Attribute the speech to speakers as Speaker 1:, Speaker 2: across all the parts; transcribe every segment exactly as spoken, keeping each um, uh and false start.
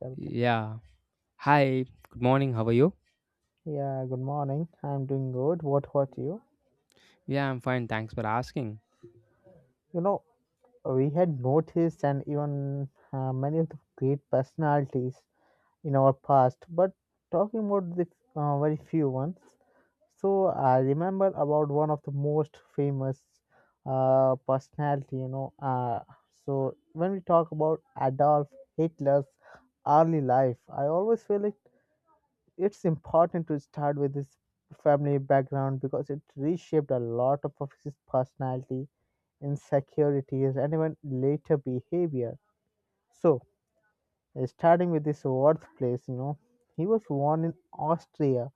Speaker 1: Everything.
Speaker 2: Yeah. Hi. Good morning. How are you?
Speaker 1: Yeah, good morning. I'm doing good. What about you?
Speaker 2: Yeah, I'm fine. Thanks for asking.
Speaker 1: You know, we had noticed and even uh, many of the great personalities in our past, but talking about the uh, very few ones. So I remember about one of the most famous uh, personality, you know. Uh, so when we talk about Adolf Hitler's early life, I always feel like it's important to start with his family background because it reshaped a lot of of his personality, insecurities, and even later behavior. So, uh, starting with his birthplace, you know, he was born in Austria,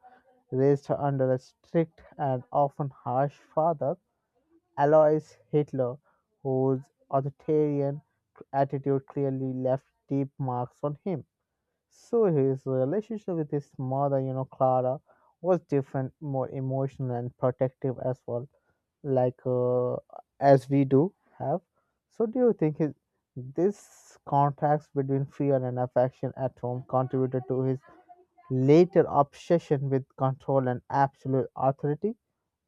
Speaker 1: raised under a strict and often harsh father, Alois Hitler, whose authoritarian attitude clearly left deep marks on him. So his relationship with his mother, you know, Clara, was different, more emotional and protective as well, like uh, as we do have. So do you think his, this contrast between fear and affection at home contributed to his later obsession with control and absolute authority,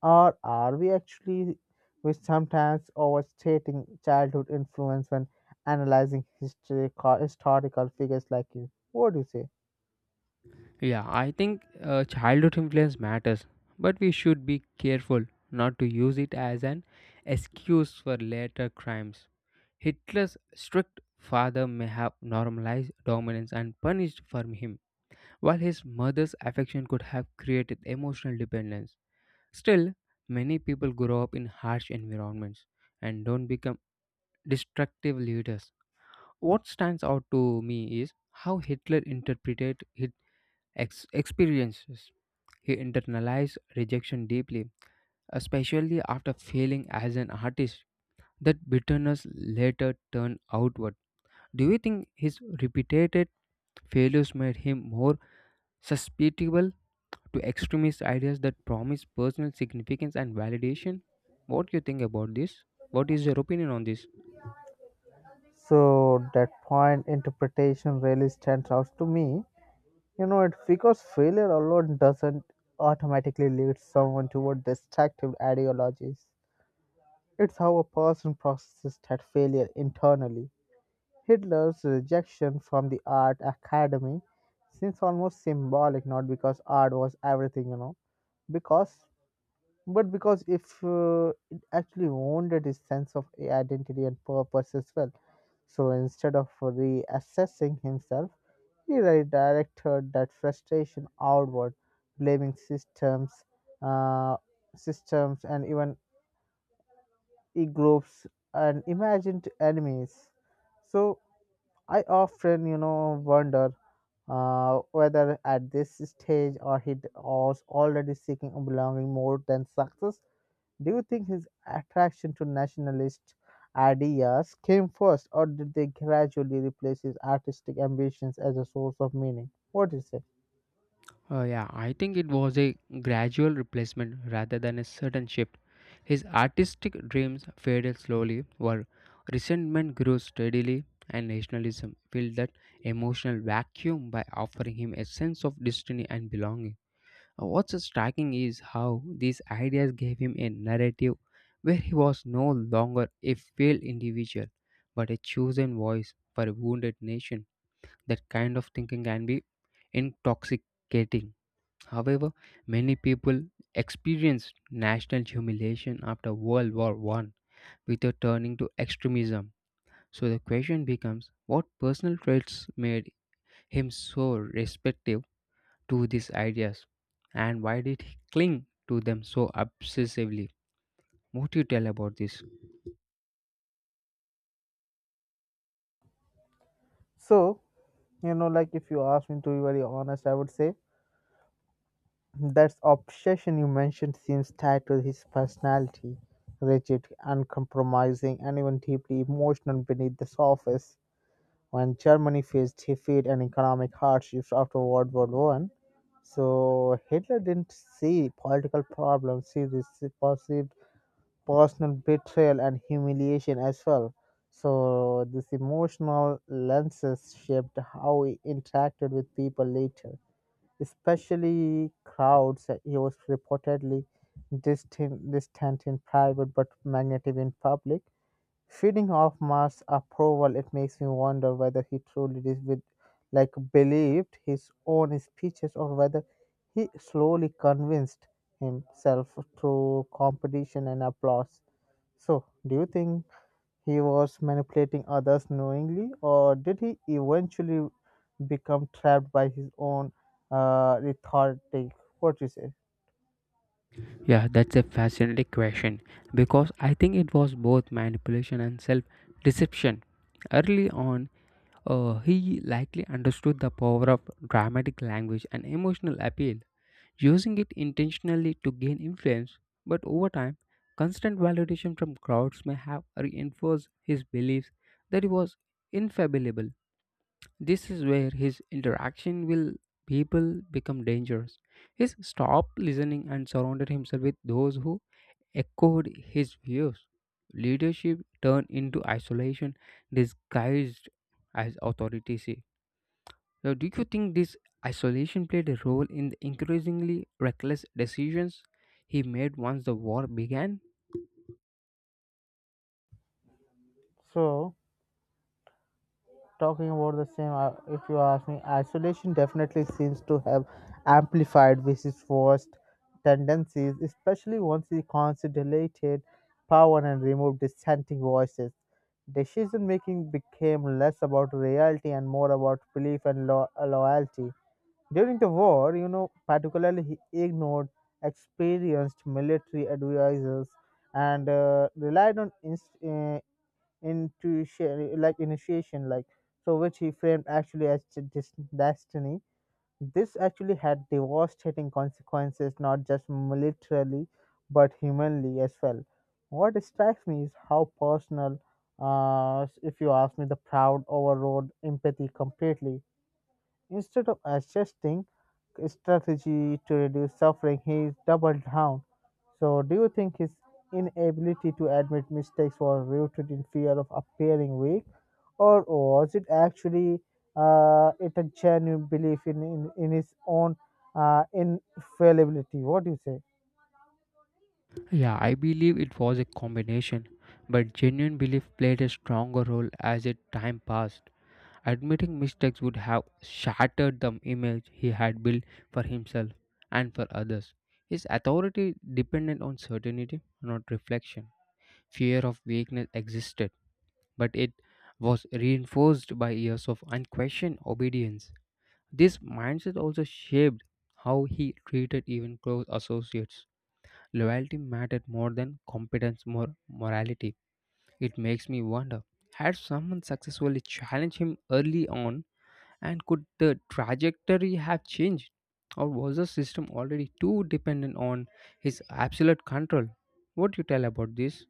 Speaker 1: or are we actually we sometimes overstating childhood influence when analyzing history, historical figures like you? What do you say?
Speaker 2: Yeah, I think uh, childhood influence matters, but we should be careful not to use it as an excuse for later crimes. Hitler's strict father may have normalized dominance and punished for him, while his mother's affection could have created emotional dependence. Still, many people grow up in harsh environments and don't become destructive leaders. What stands out to me is how Hitler interpreted his ex- experiences. He internalized rejection deeply, especially after failing as an artist. That bitterness later turned outward. Do you think his repeated failures made him more susceptible to extremist ideas that promise personal significance and validation? What do you think about this? What is your opinion on this?
Speaker 1: So that point interpretation really stands out to me. You know, it because failure alone doesn't automatically lead someone toward destructive ideologies. It's how a person processes that failure internally. Hitler's rejection from the art academy seems almost symbolic, not because art was everything, you know, because but because if uh, it actually wounded his sense of identity and purpose as well. So instead of reassessing himself, he redirected that frustration outward, blaming systems, uh, systems, and even e groups and imagined enemies. So I often, you know, wonder uh, whether at this stage or he was already seeking belonging more than success. Do you think his attraction to nationalist ideas came first, or did they gradually replace his artistic ambitions as a source of meaning? What do you say?
Speaker 2: Uh, yeah, I think it was a gradual replacement rather than a sudden shift. His artistic dreams faded slowly, while resentment grew steadily, and nationalism filled that emotional vacuum by offering him a sense of destiny and belonging. Uh, What's striking is how these ideas gave him a narrative where he was no longer a failed individual, but a chosen voice for a wounded nation. That kind of thinking can be intoxicating. However, many people experienced national humiliation after World War One without turning to extremism. So the question becomes, what personal traits made him so receptive to these ideas, and why did he cling to them so obsessively? What do you tell about this?
Speaker 1: So, you know, like if you ask me to be very honest, I would say that obsession you mentioned seems tied to his personality: rigid, uncompromising, and even deeply emotional beneath the surface. When Germany faced defeat and economic hardships after World War One. So Hitler didn't see political problems; he this perceived personal betrayal and humiliation as well. So this emotional lenses shaped how he interacted with people later, especially crowds. He was reportedly distant, distant in private but magnetic in public. Reading off Marsh's approval, it makes me wonder whether he truly dis- with- like believed his own speeches or whether he slowly convinced himself through competition and applause. So, do you think he was manipulating others knowingly, or did he eventually become trapped by his own uh, rhetoric? What you say?
Speaker 2: Yeah, that's a fascinating question because I think it was both manipulation and self deception. Early on, Uh, he likely understood the power of dramatic language and emotional appeal, using it intentionally to gain influence. But over time, constant validation from crowds may have reinforced his beliefs that he was infallible. This is where his interaction with people become dangerous. He stopped listening and surrounded himself with those who echoed his views. Leadership turned into isolation disguised as authority. Now, do you think this isolation played a role in the increasingly reckless decisions he made once the war began?
Speaker 1: So, talking about the same uh, if you ask me, isolation definitely seems to have amplified vc's worst tendencies, especially once he consolidated power and removed dissenting voices. Decision making became less about reality and more about belief and lo- uh, loyalty. During the war, you know particularly he ignored experienced military advisors and uh, relied on inst- uh, intuition, like initiation like, so which he framed actually as d- dis- destiny. This actually had devastating consequences, not just militarily but humanly as well. What strikes me is how personal uh, if you ask me the proud overrode empathy completely. Instead of adjusting strategy to reduce suffering, he doubled down. So, do you think his inability to admit mistakes was rooted in fear of appearing weak, or was it actually uh, it a genuine belief in in, in his own uh, infallibility? What do you say?
Speaker 2: Yeah, I believe it was a combination, but genuine belief played a stronger role as it time passed. Admitting mistakes would have shattered the image he had built for himself and for others. His authority depended on certainty, not reflection. Fear of weakness existed, but it was reinforced by years of unquestioned obedience. This mindset also shaped how he treated even close associates. Loyalty mattered more than competence or morality. It makes me wonder, had someone successfully challenged him early on, and could the trajectory have changed? Or was the system already too dependent on his absolute control? What do you tell about this?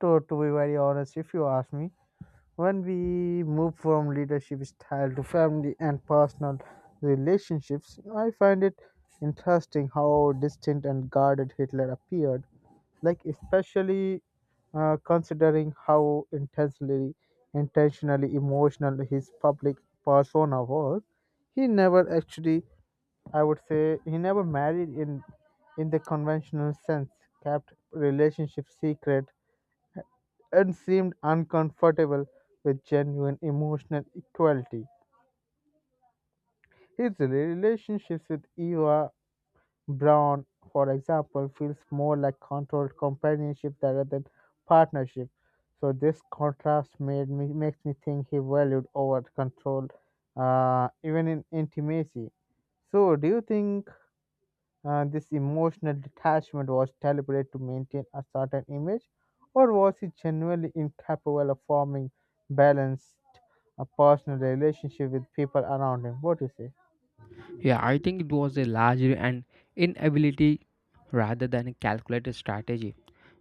Speaker 1: To to be very honest, if you ask me, when we move from leadership style to family and personal relationships, I find it interesting how distant and guarded Hitler appeared, like especially uh, considering how intensely intentionally emotional his public persona was. He never actually, I would say he never married in in the conventional sense, kept relationship secret, and seemed uncomfortable with genuine emotional equality. His relationships with Eva Braun, for example, feels more like controlled companionship rather than partnership. So this contrast made me makes me think he valued over control, uh, even in intimacy. So do you think Uh, this emotional detachment was deliberate to maintain a certain image, or was he genuinely incapable of forming balanced a personal relationship with people around him? What do you say?
Speaker 2: Yeah, I think it was a largely an inability rather than a calculated strategy.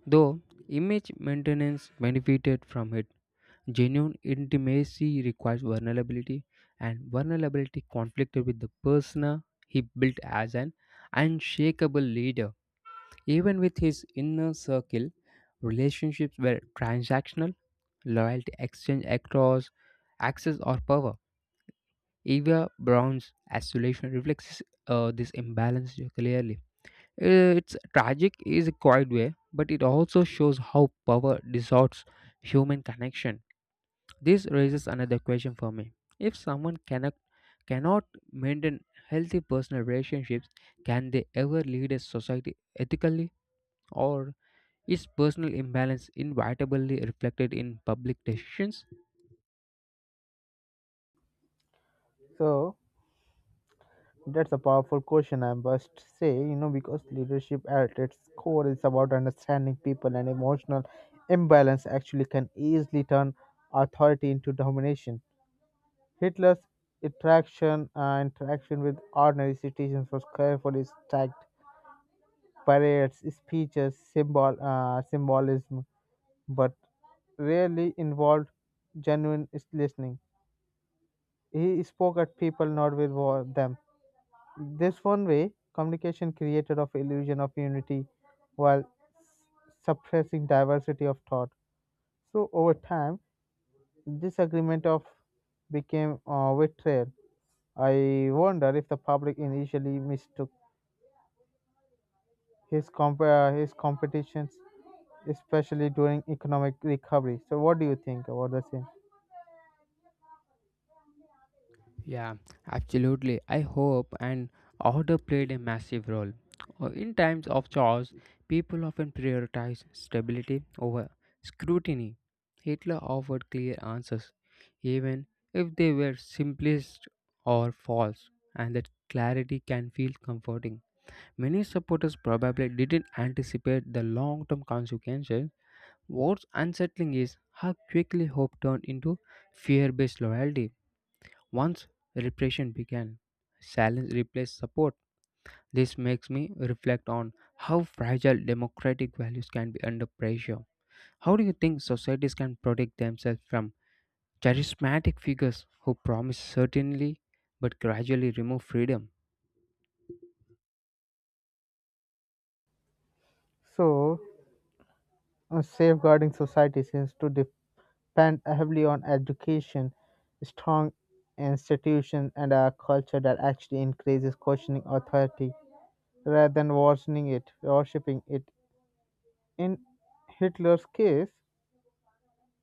Speaker 2: Though image maintenance benefited from it, genuine intimacy requires vulnerability, and vulnerability conflicted with the persona he built as an unshakable leader. Even with his inner circle, relationships were transactional, loyalty exchanged across access or power. Eva Brown's isolation reflects uh, this imbalance clearly. It's tragic is a quiet way, but it also shows how power distorts human connection. This raises another question for me. If someone cannot cannot maintain healthy personal relationships, can they ever lead a society ethically? Or is personal imbalance inevitably reflected in public decisions?
Speaker 1: So that's a powerful question, I must say, you know, because leadership at its core is about understanding people, and emotional imbalance actually can easily turn authority into domination. Hitler's interaction uh, interaction with ordinary citizens was carefully staged: parades, speeches, symbol, uh, symbolism, but rarely involved genuine listening. He spoke at people, not with wa- them. This one way, communication created of illusion of unity while suppressing diversity of thought. So over time, disagreement of became uh, betrayal. I wonder if the public initially mistook his comp- uh, his competitions, especially during economic recovery. So, what do you think about the same?
Speaker 2: Yeah, absolutely. I hope and order played a massive role. Uh, In times of chaos, people often prioritize stability over scrutiny. Hitler offered clear answers, even if they were simplest or false, and that clarity can feel comforting. Many supporters probably didn't anticipate the long term consequences. What's unsettling is how quickly hope turned into fear based loyalty. Once repression began, silence replaced support. This makes me reflect on how fragile democratic values can be under pressure. How do you think societies can protect themselves from charismatic figures who promise certainly but gradually remove freedom?
Speaker 1: So, uh, safeguarding society seems to depend heavily on education, strong institutions, and a culture that actually increases questioning authority rather than worsening it, worshipping it. In Hitler's case,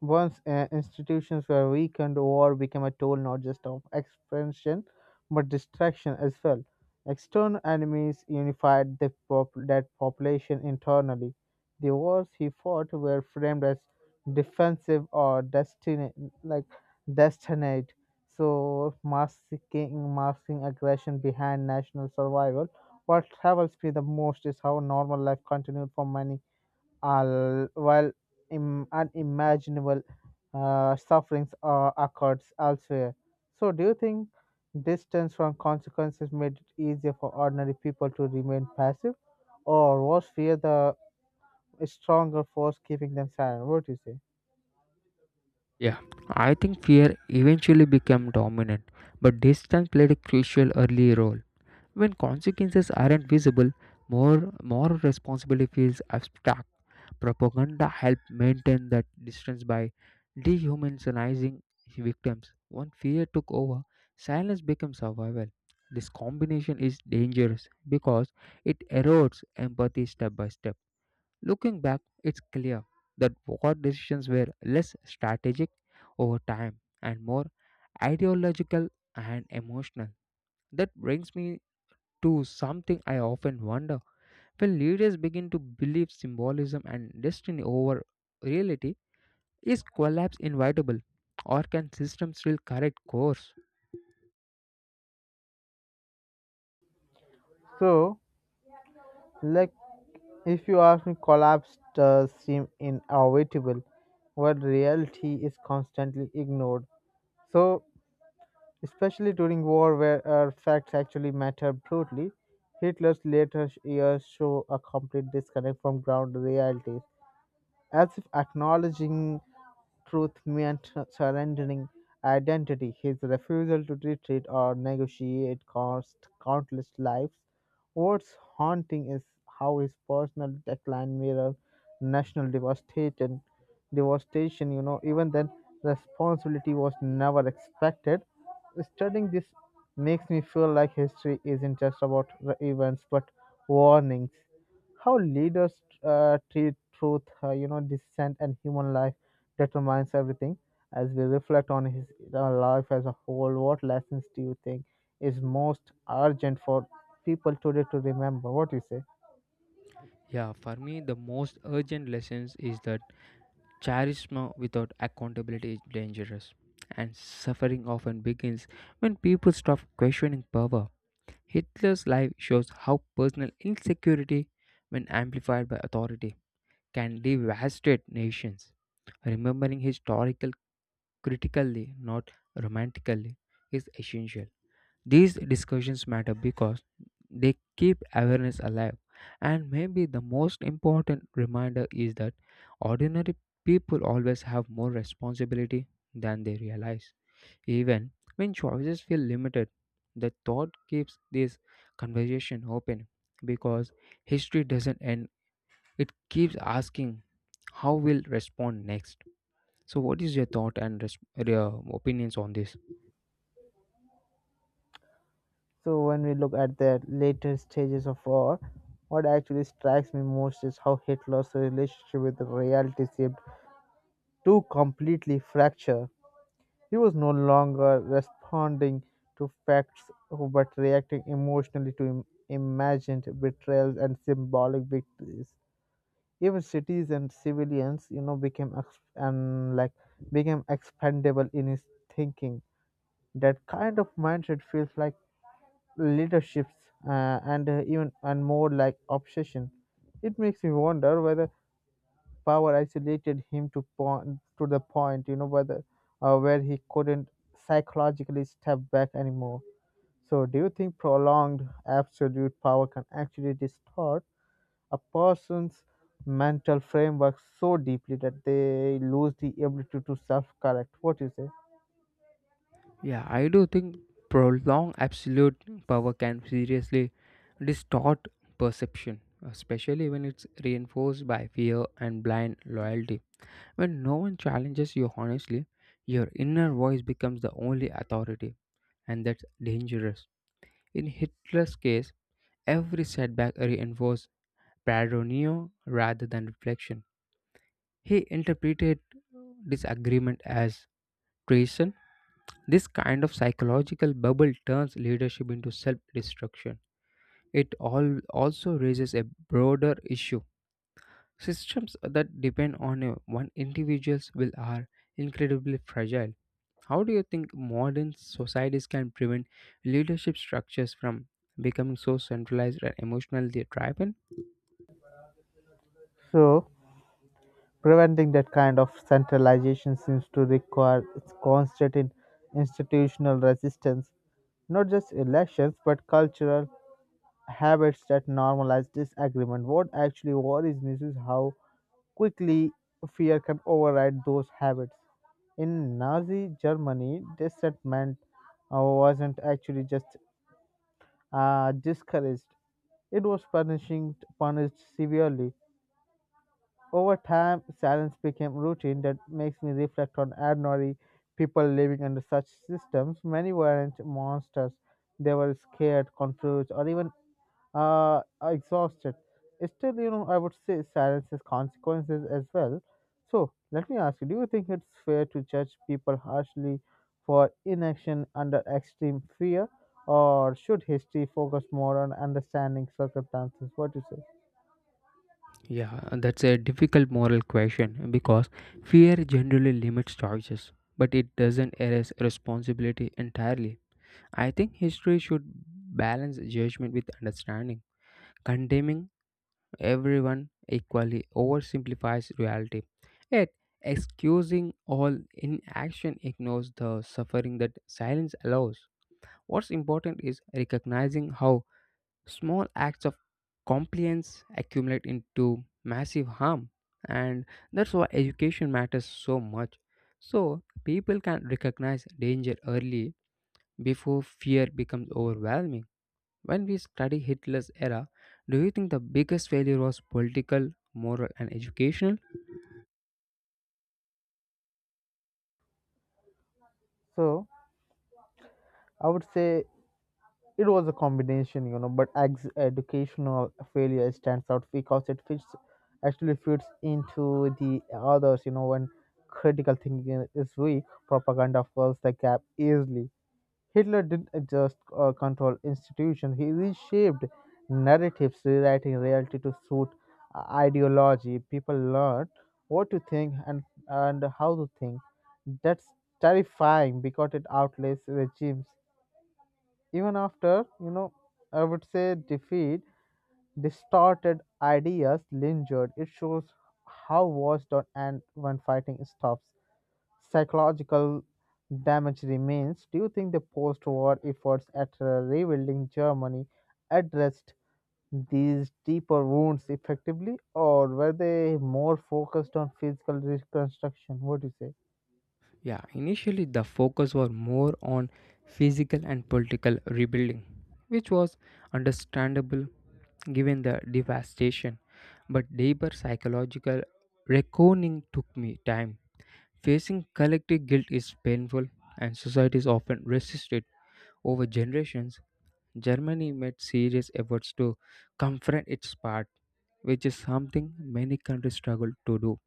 Speaker 1: once uh, institutions were weakened, war became a tool not just of expansion but distraction as well. External enemies unified the pop- that population internally. The wars he fought were framed as defensive or destiny, like destinate. So masking masking aggression behind national survival. What troubles me the most is how normal life continued for many al- while Im- unimaginable uh, sufferings uh, occurs elsewhere. So, do you think distance from consequences made it easier for ordinary people to remain passive, or was fear the stronger force keeping them silent? What do you say?
Speaker 2: Yeah, I think fear eventually became dominant, but distance played a crucial early role. When consequences aren't visible, more moral responsibility feels abstract. Propaganda helps maintain that distance by dehumanizing victims. When fear took over, silence became survival. This combination is dangerous because it erodes empathy step by step. Looking back, it's clear that war decisions were less strategic over time and more ideological and emotional. That brings me to something I often wonder. When leaders begin to believe symbolism and destiny over reality, is collapse inevitable, or can systems still correct course?
Speaker 1: So, like, if you ask me, collapse does seem inevitable, but reality is constantly ignored. So, especially during war where uh, facts actually matter brutally. Hitler's later years show a complete disconnect from ground realities, as if acknowledging truth meant surrendering identity. His refusal to retreat or negotiate cost countless lives. What's haunting is how his personal decline mirrored national devastation. Devastation, you know, even then, responsibility was never expected. Studying this makes me feel like history isn't just about the events but warnings. How leaders uh, treat truth, uh, you know, dissent and human life determines everything. As we reflect on his uh, life as a whole, what lessons do you think is most urgent for people today to remember? What do you say?
Speaker 2: Yeah, for me, the most urgent lessons is that charisma without accountability is dangerous, and suffering often begins when people stop questioning power. Hitler's life shows how personal insecurity, when amplified by authority, can devastate nations. Remembering historical critically, not romantically, is essential. These discussions matter because they keep awareness alive. And maybe the most important reminder is that ordinary people always have more responsibility than they realize. Even when choices feel limited, the thought keeps this conversation open because history doesn't end. It keeps asking how will respond next. So what is your thought and res- your opinions on this?
Speaker 1: So when we look at the later stages of war, what actually strikes me most is how Hitler's relationship with the reality seemed to completely fracture. He was no longer responding to facts but reacting emotionally to im- imagined betrayals and symbolic victories. Even cities and civilians, you know, became ex- and like became expendable in his thinking. That kind of mindset feels like leaderships uh, and uh, even and more like obsession. It makes me wonder whether power isolated him to point to the point, you know, whether uh, where he couldn't psychologically step back anymore. So, do you think prolonged absolute power can actually distort a person's mental framework so deeply that they lose the ability to self-correct? What do you say?
Speaker 2: Yeah, I do think prolonged absolute power can seriously distort perception, especially when it's reinforced by fear and blind loyalty. When no one challenges you honestly, your inner voice becomes the only authority, and that's dangerous. In Hitler's case, every setback reinforced paranoia rather than reflection. He interpreted this agreement as treason. This kind of psychological bubble turns leadership into self destruction. It all also raises a broader issue. Systems that depend on a one individual's will are incredibly fragile. How do you think modern societies can prevent leadership structures from becoming so centralized and emotionally driven?
Speaker 1: So, preventing that kind of centralization seems to require its constant in- institutional resistance, not just elections but cultural habits that normalize disagreement. What actually worries me is how quickly fear can override those habits. In Nazi Germany, dissentment uh, wasn't actually just uh, discouraged, it was punishing, punished severely. Over time, silence became routine. That makes me reflect on ordinary people living under such systems. Many weren't monsters, they were scared, confused, or even uh, exhausted. Still, you know, I would say silence has consequences as well. So, let me ask you, do you think it's fair to judge people harshly for inaction under extreme fear, or should history focus more on understanding circumstances? What do you say?
Speaker 2: Yeah, that's a difficult moral question because fear generally limits choices, but it doesn't erase responsibility entirely. I think history should balance judgment with understanding. Condemning everyone equally oversimplifies reality, yet, excusing all inaction ignores the suffering that silence allows. What's important is recognizing how small acts of compliance accumulate into massive harm, and that's why education matters so much. So, people can recognize danger early before fear becomes overwhelming. When we study Hitler's era, do you think the biggest failure was political, moral, and educational?
Speaker 1: So, I would say it was a combination, you know, but ex- educational failure stands out because it fits actually fits into the others, you know, when critical thinking is weak, propaganda fills the gap easily. Hitler didn't just uh, control institutions, he reshaped narratives, rewriting reality to suit uh, ideology. People learn what to think, and, and how to think. That's terrifying because it outlays regimes even after, you know I would say defeat, distorted ideas lingered. It shows how wars don't end when fighting stops. Psychological damage remains. Do you think the post-war efforts at uh, rebuilding Germany addressed these deeper wounds effectively, or were they more focused on physical reconstruction? What do you say?
Speaker 2: Yeah, initially the focus was more on physical and political rebuilding, which was understandable given the devastation, but deeper psychological reckoning took me time. Facing collective guilt is painful, and societies often resist it. Over generations, Germany made serious efforts to confront its part, which is something many countries struggle to do.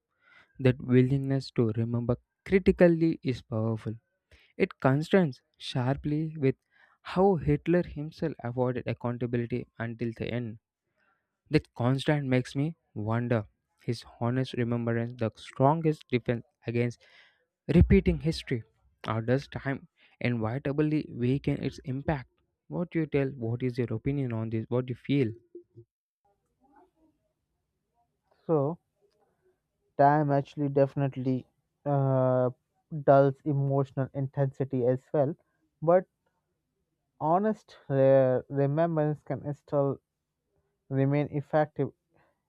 Speaker 2: That willingness to remember critically is powerful. It contrasts sharply with how Hitler himself avoided accountability until the end. That constant makes me wonder, his honest remembrance the strongest defense against repeating history, or does time inevitably weaken its impact? What you tell? What is your opinion on this? What you feel?
Speaker 1: So time actually definitely uh, dulls emotional intensity as well, but honest re- remembrance can still remain effective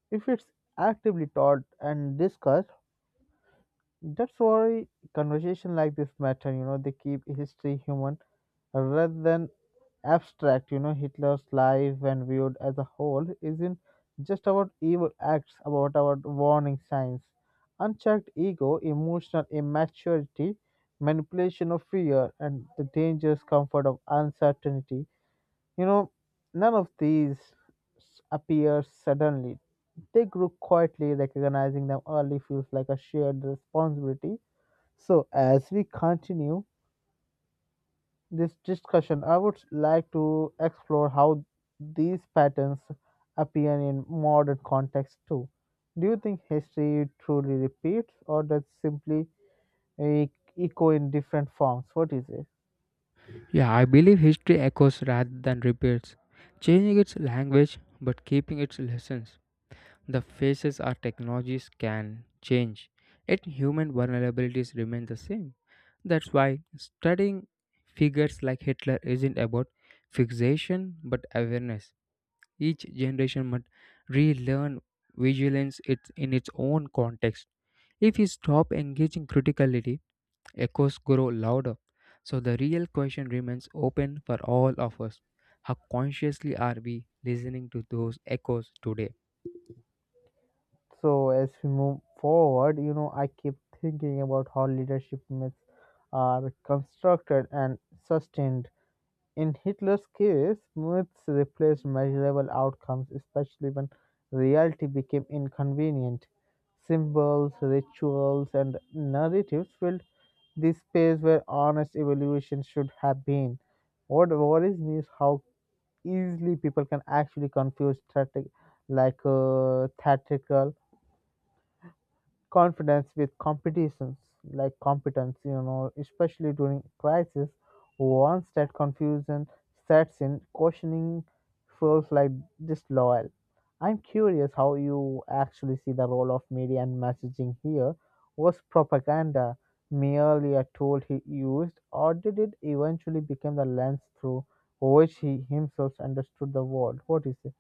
Speaker 1: if it's actively taught and discussed. That's why conversation like this matter, you know, they keep history human rather than abstract. You know, Hitler's life, when viewed as a whole, isn't just about evil acts, about our warning signs. Unchecked ego, emotional immaturity, manipulation of fear, and the dangerous comfort of uncertainty. You know, none of these s- appear suddenly. They grew quietly, recognizing them early feels like a shared responsibility. So, as we continue this discussion, I would like to explore how these patterns appear in modern context too. Do you think history truly repeats, or does simply e- echo in different forms? What is it?
Speaker 2: Yeah, I believe history echoes rather than repeats, changing its language but keeping its lessons. The faces our technologies can change, yet human vulnerabilities remain the same. That's why studying figures like Hitler isn't about fixation but awareness. Each generation must relearn vigilance it- in its own context. If we stop engaging critically, echoes grow louder. So the real question remains open for all of us. How consciously are we listening to those echoes today?
Speaker 1: So, as we move forward, you know, I keep thinking about how leadership myths are constructed and sustained. In Hitler's case, myths replaced measurable outcomes, especially when reality became inconvenient. Symbols, rituals, and narratives filled the space where honest evaluation should have been. What worries me is how easily people can actually confuse theatric, like uh, theatrical confidence with competitions, like competence, you know, especially during crisis. Once that confusion sets in, questioning feels like disloyal. I'm curious how you actually see the role of media and messaging here. Was propaganda merely a tool he used, or did it eventually become the lens through which he himself understood the world? What do you say?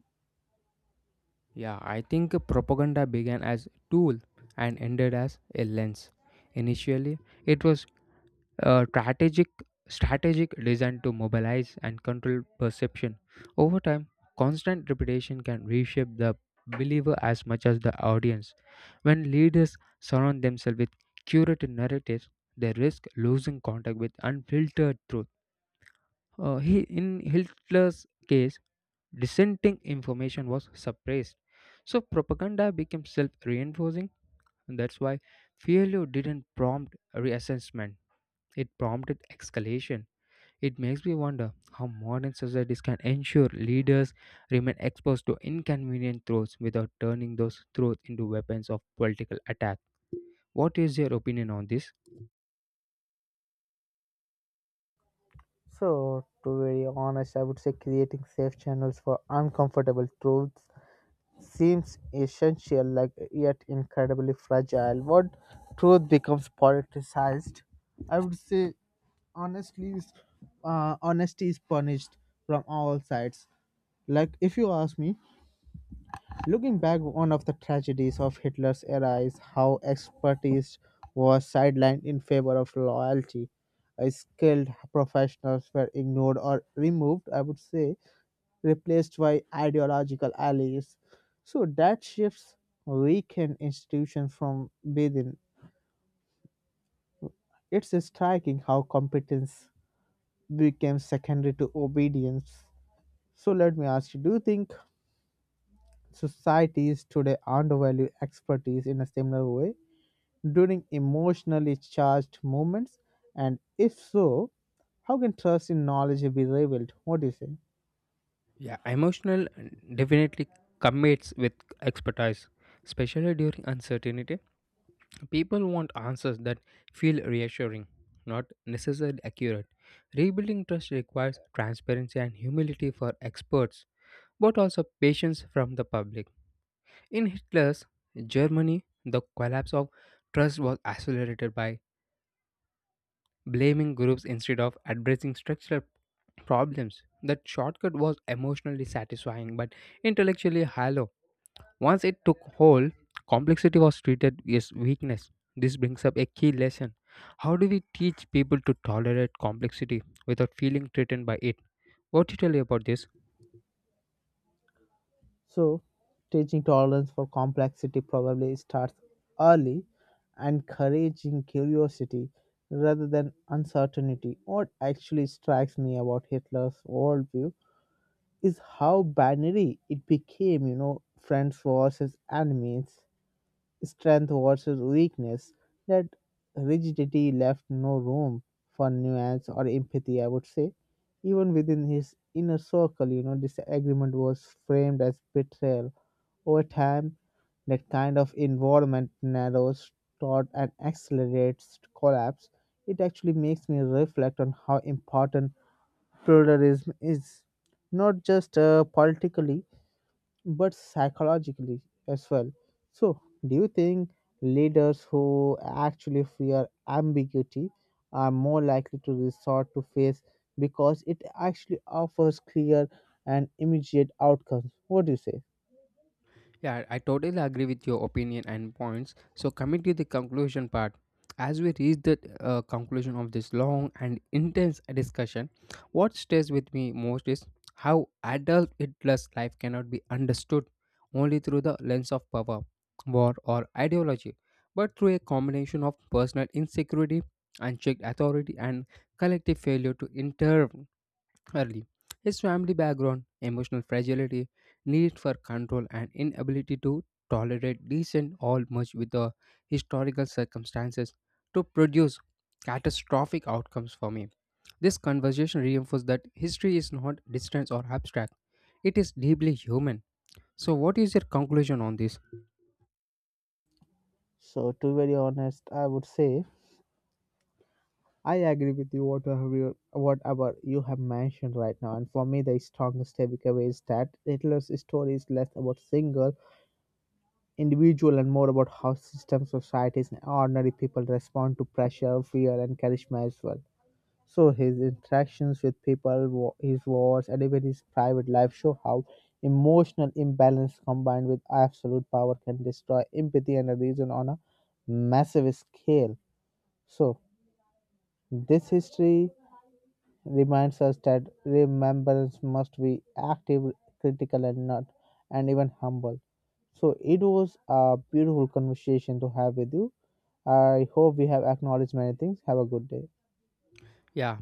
Speaker 2: Yeah, I think propaganda began as a tool and ended as a lens. Initially, it was a strategic strategic designed to mobilize and control perception. Over time, constant repetition can reshape the believer as much as the audience. When leaders surround themselves with curated narratives, they risk losing contact with unfiltered truth. Uh, he, in Hitler's case, dissenting information was suppressed. So propaganda became self reinforcing. That's why failure didn't prompt reassessment, it prompted escalation. It makes me wonder how modern societies can ensure leaders remain exposed to inconvenient truths without turning those truths into weapons of political attack. What is your opinion on this?
Speaker 1: So, to be very honest, I would say creating safe channels for uncomfortable truths seems essential, like, yet incredibly fragile. What truth becomes politicized, I would say honestly is uh, honesty is punished from all sides, like, if you ask me. Looking back, one of the tragedies of Hitler's era is how expertise was sidelined in favor of loyalty. Uh, Skilled professionals were ignored or removed, I would say, replaced by ideological allies. So that shifts weakened institutions from within. It's striking how competence became secondary to obedience. So let me ask you, do you think societies today undervalue expertise in a similar way, during emotionally charged moments? And if so, how can trust in knowledge be rebuilt? What do you say?
Speaker 2: Yeah, emotional definitely commits with expertise, especially during uncertainty. People want answers that feel reassuring, not necessarily accurate. Rebuilding trust requires transparency and humility for experts, but also patience from the public. In Hitler's Germany, the collapse of trust was accelerated by blaming groups instead of addressing structural problems. That shortcut was emotionally satisfying but intellectually hollow. Once it took hold, complexity was treated as weakness. This brings up a key lesson. How do we teach people to tolerate complexity without feeling threatened by it? What do you tell me about this?
Speaker 1: So, teaching tolerance for complexity probably starts early, encouraging curiosity rather than uncertainty. What actually strikes me about Hitler's worldview is how binary it became, you know, friends versus enemies, strength versus weakness, that rigidity left no room for nuance or empathy, I would say. Even within his inner circle, you know, this agreement was framed as betrayal. Over time, that kind of environment narrows, taught, and accelerates collapse. It actually makes me reflect on how important pluralism is, not just uh, politically but psychologically as well. So, do you think leaders who actually fear ambiguity are more likely to resort to faith because it actually offers clear and immediate outcomes? What do you say?
Speaker 2: Yeah, I totally agree with your opinion and points. So, coming to the conclusion part, as we reach the uh, conclusion of this long and intense discussion, what stays with me most is how adult Hitler's life cannot be understood only through the lens of power, war, or ideology, but through a combination of personal insecurity, unchecked authority, and collective failure to intervene early. His family background, emotional fragility, need for control, and inability to tolerate decent all merged with the historical circumstances to produce catastrophic outcomes for me. This conversation reinforces that history is not distant or abstract, it is deeply human. So, what is your conclusion on this?
Speaker 1: So, to be very honest, I would say I agree with you whatever you, whatever you have mentioned right now. And for me, the strongest takeaway is that Hitler's story is less about single individual and more about how systems, societies, and ordinary people respond to pressure, fear, and charisma as well. So his interactions with people, wa- his wars, and even his private life show how emotional imbalance combined with absolute power can destroy empathy and a reason on a massive scale. So this history reminds us that remembrance must be active, critical, and not, and even humble. So it was a beautiful conversation to have with you. I hope we have acknowledged many things. Have a good day.
Speaker 2: Yeah,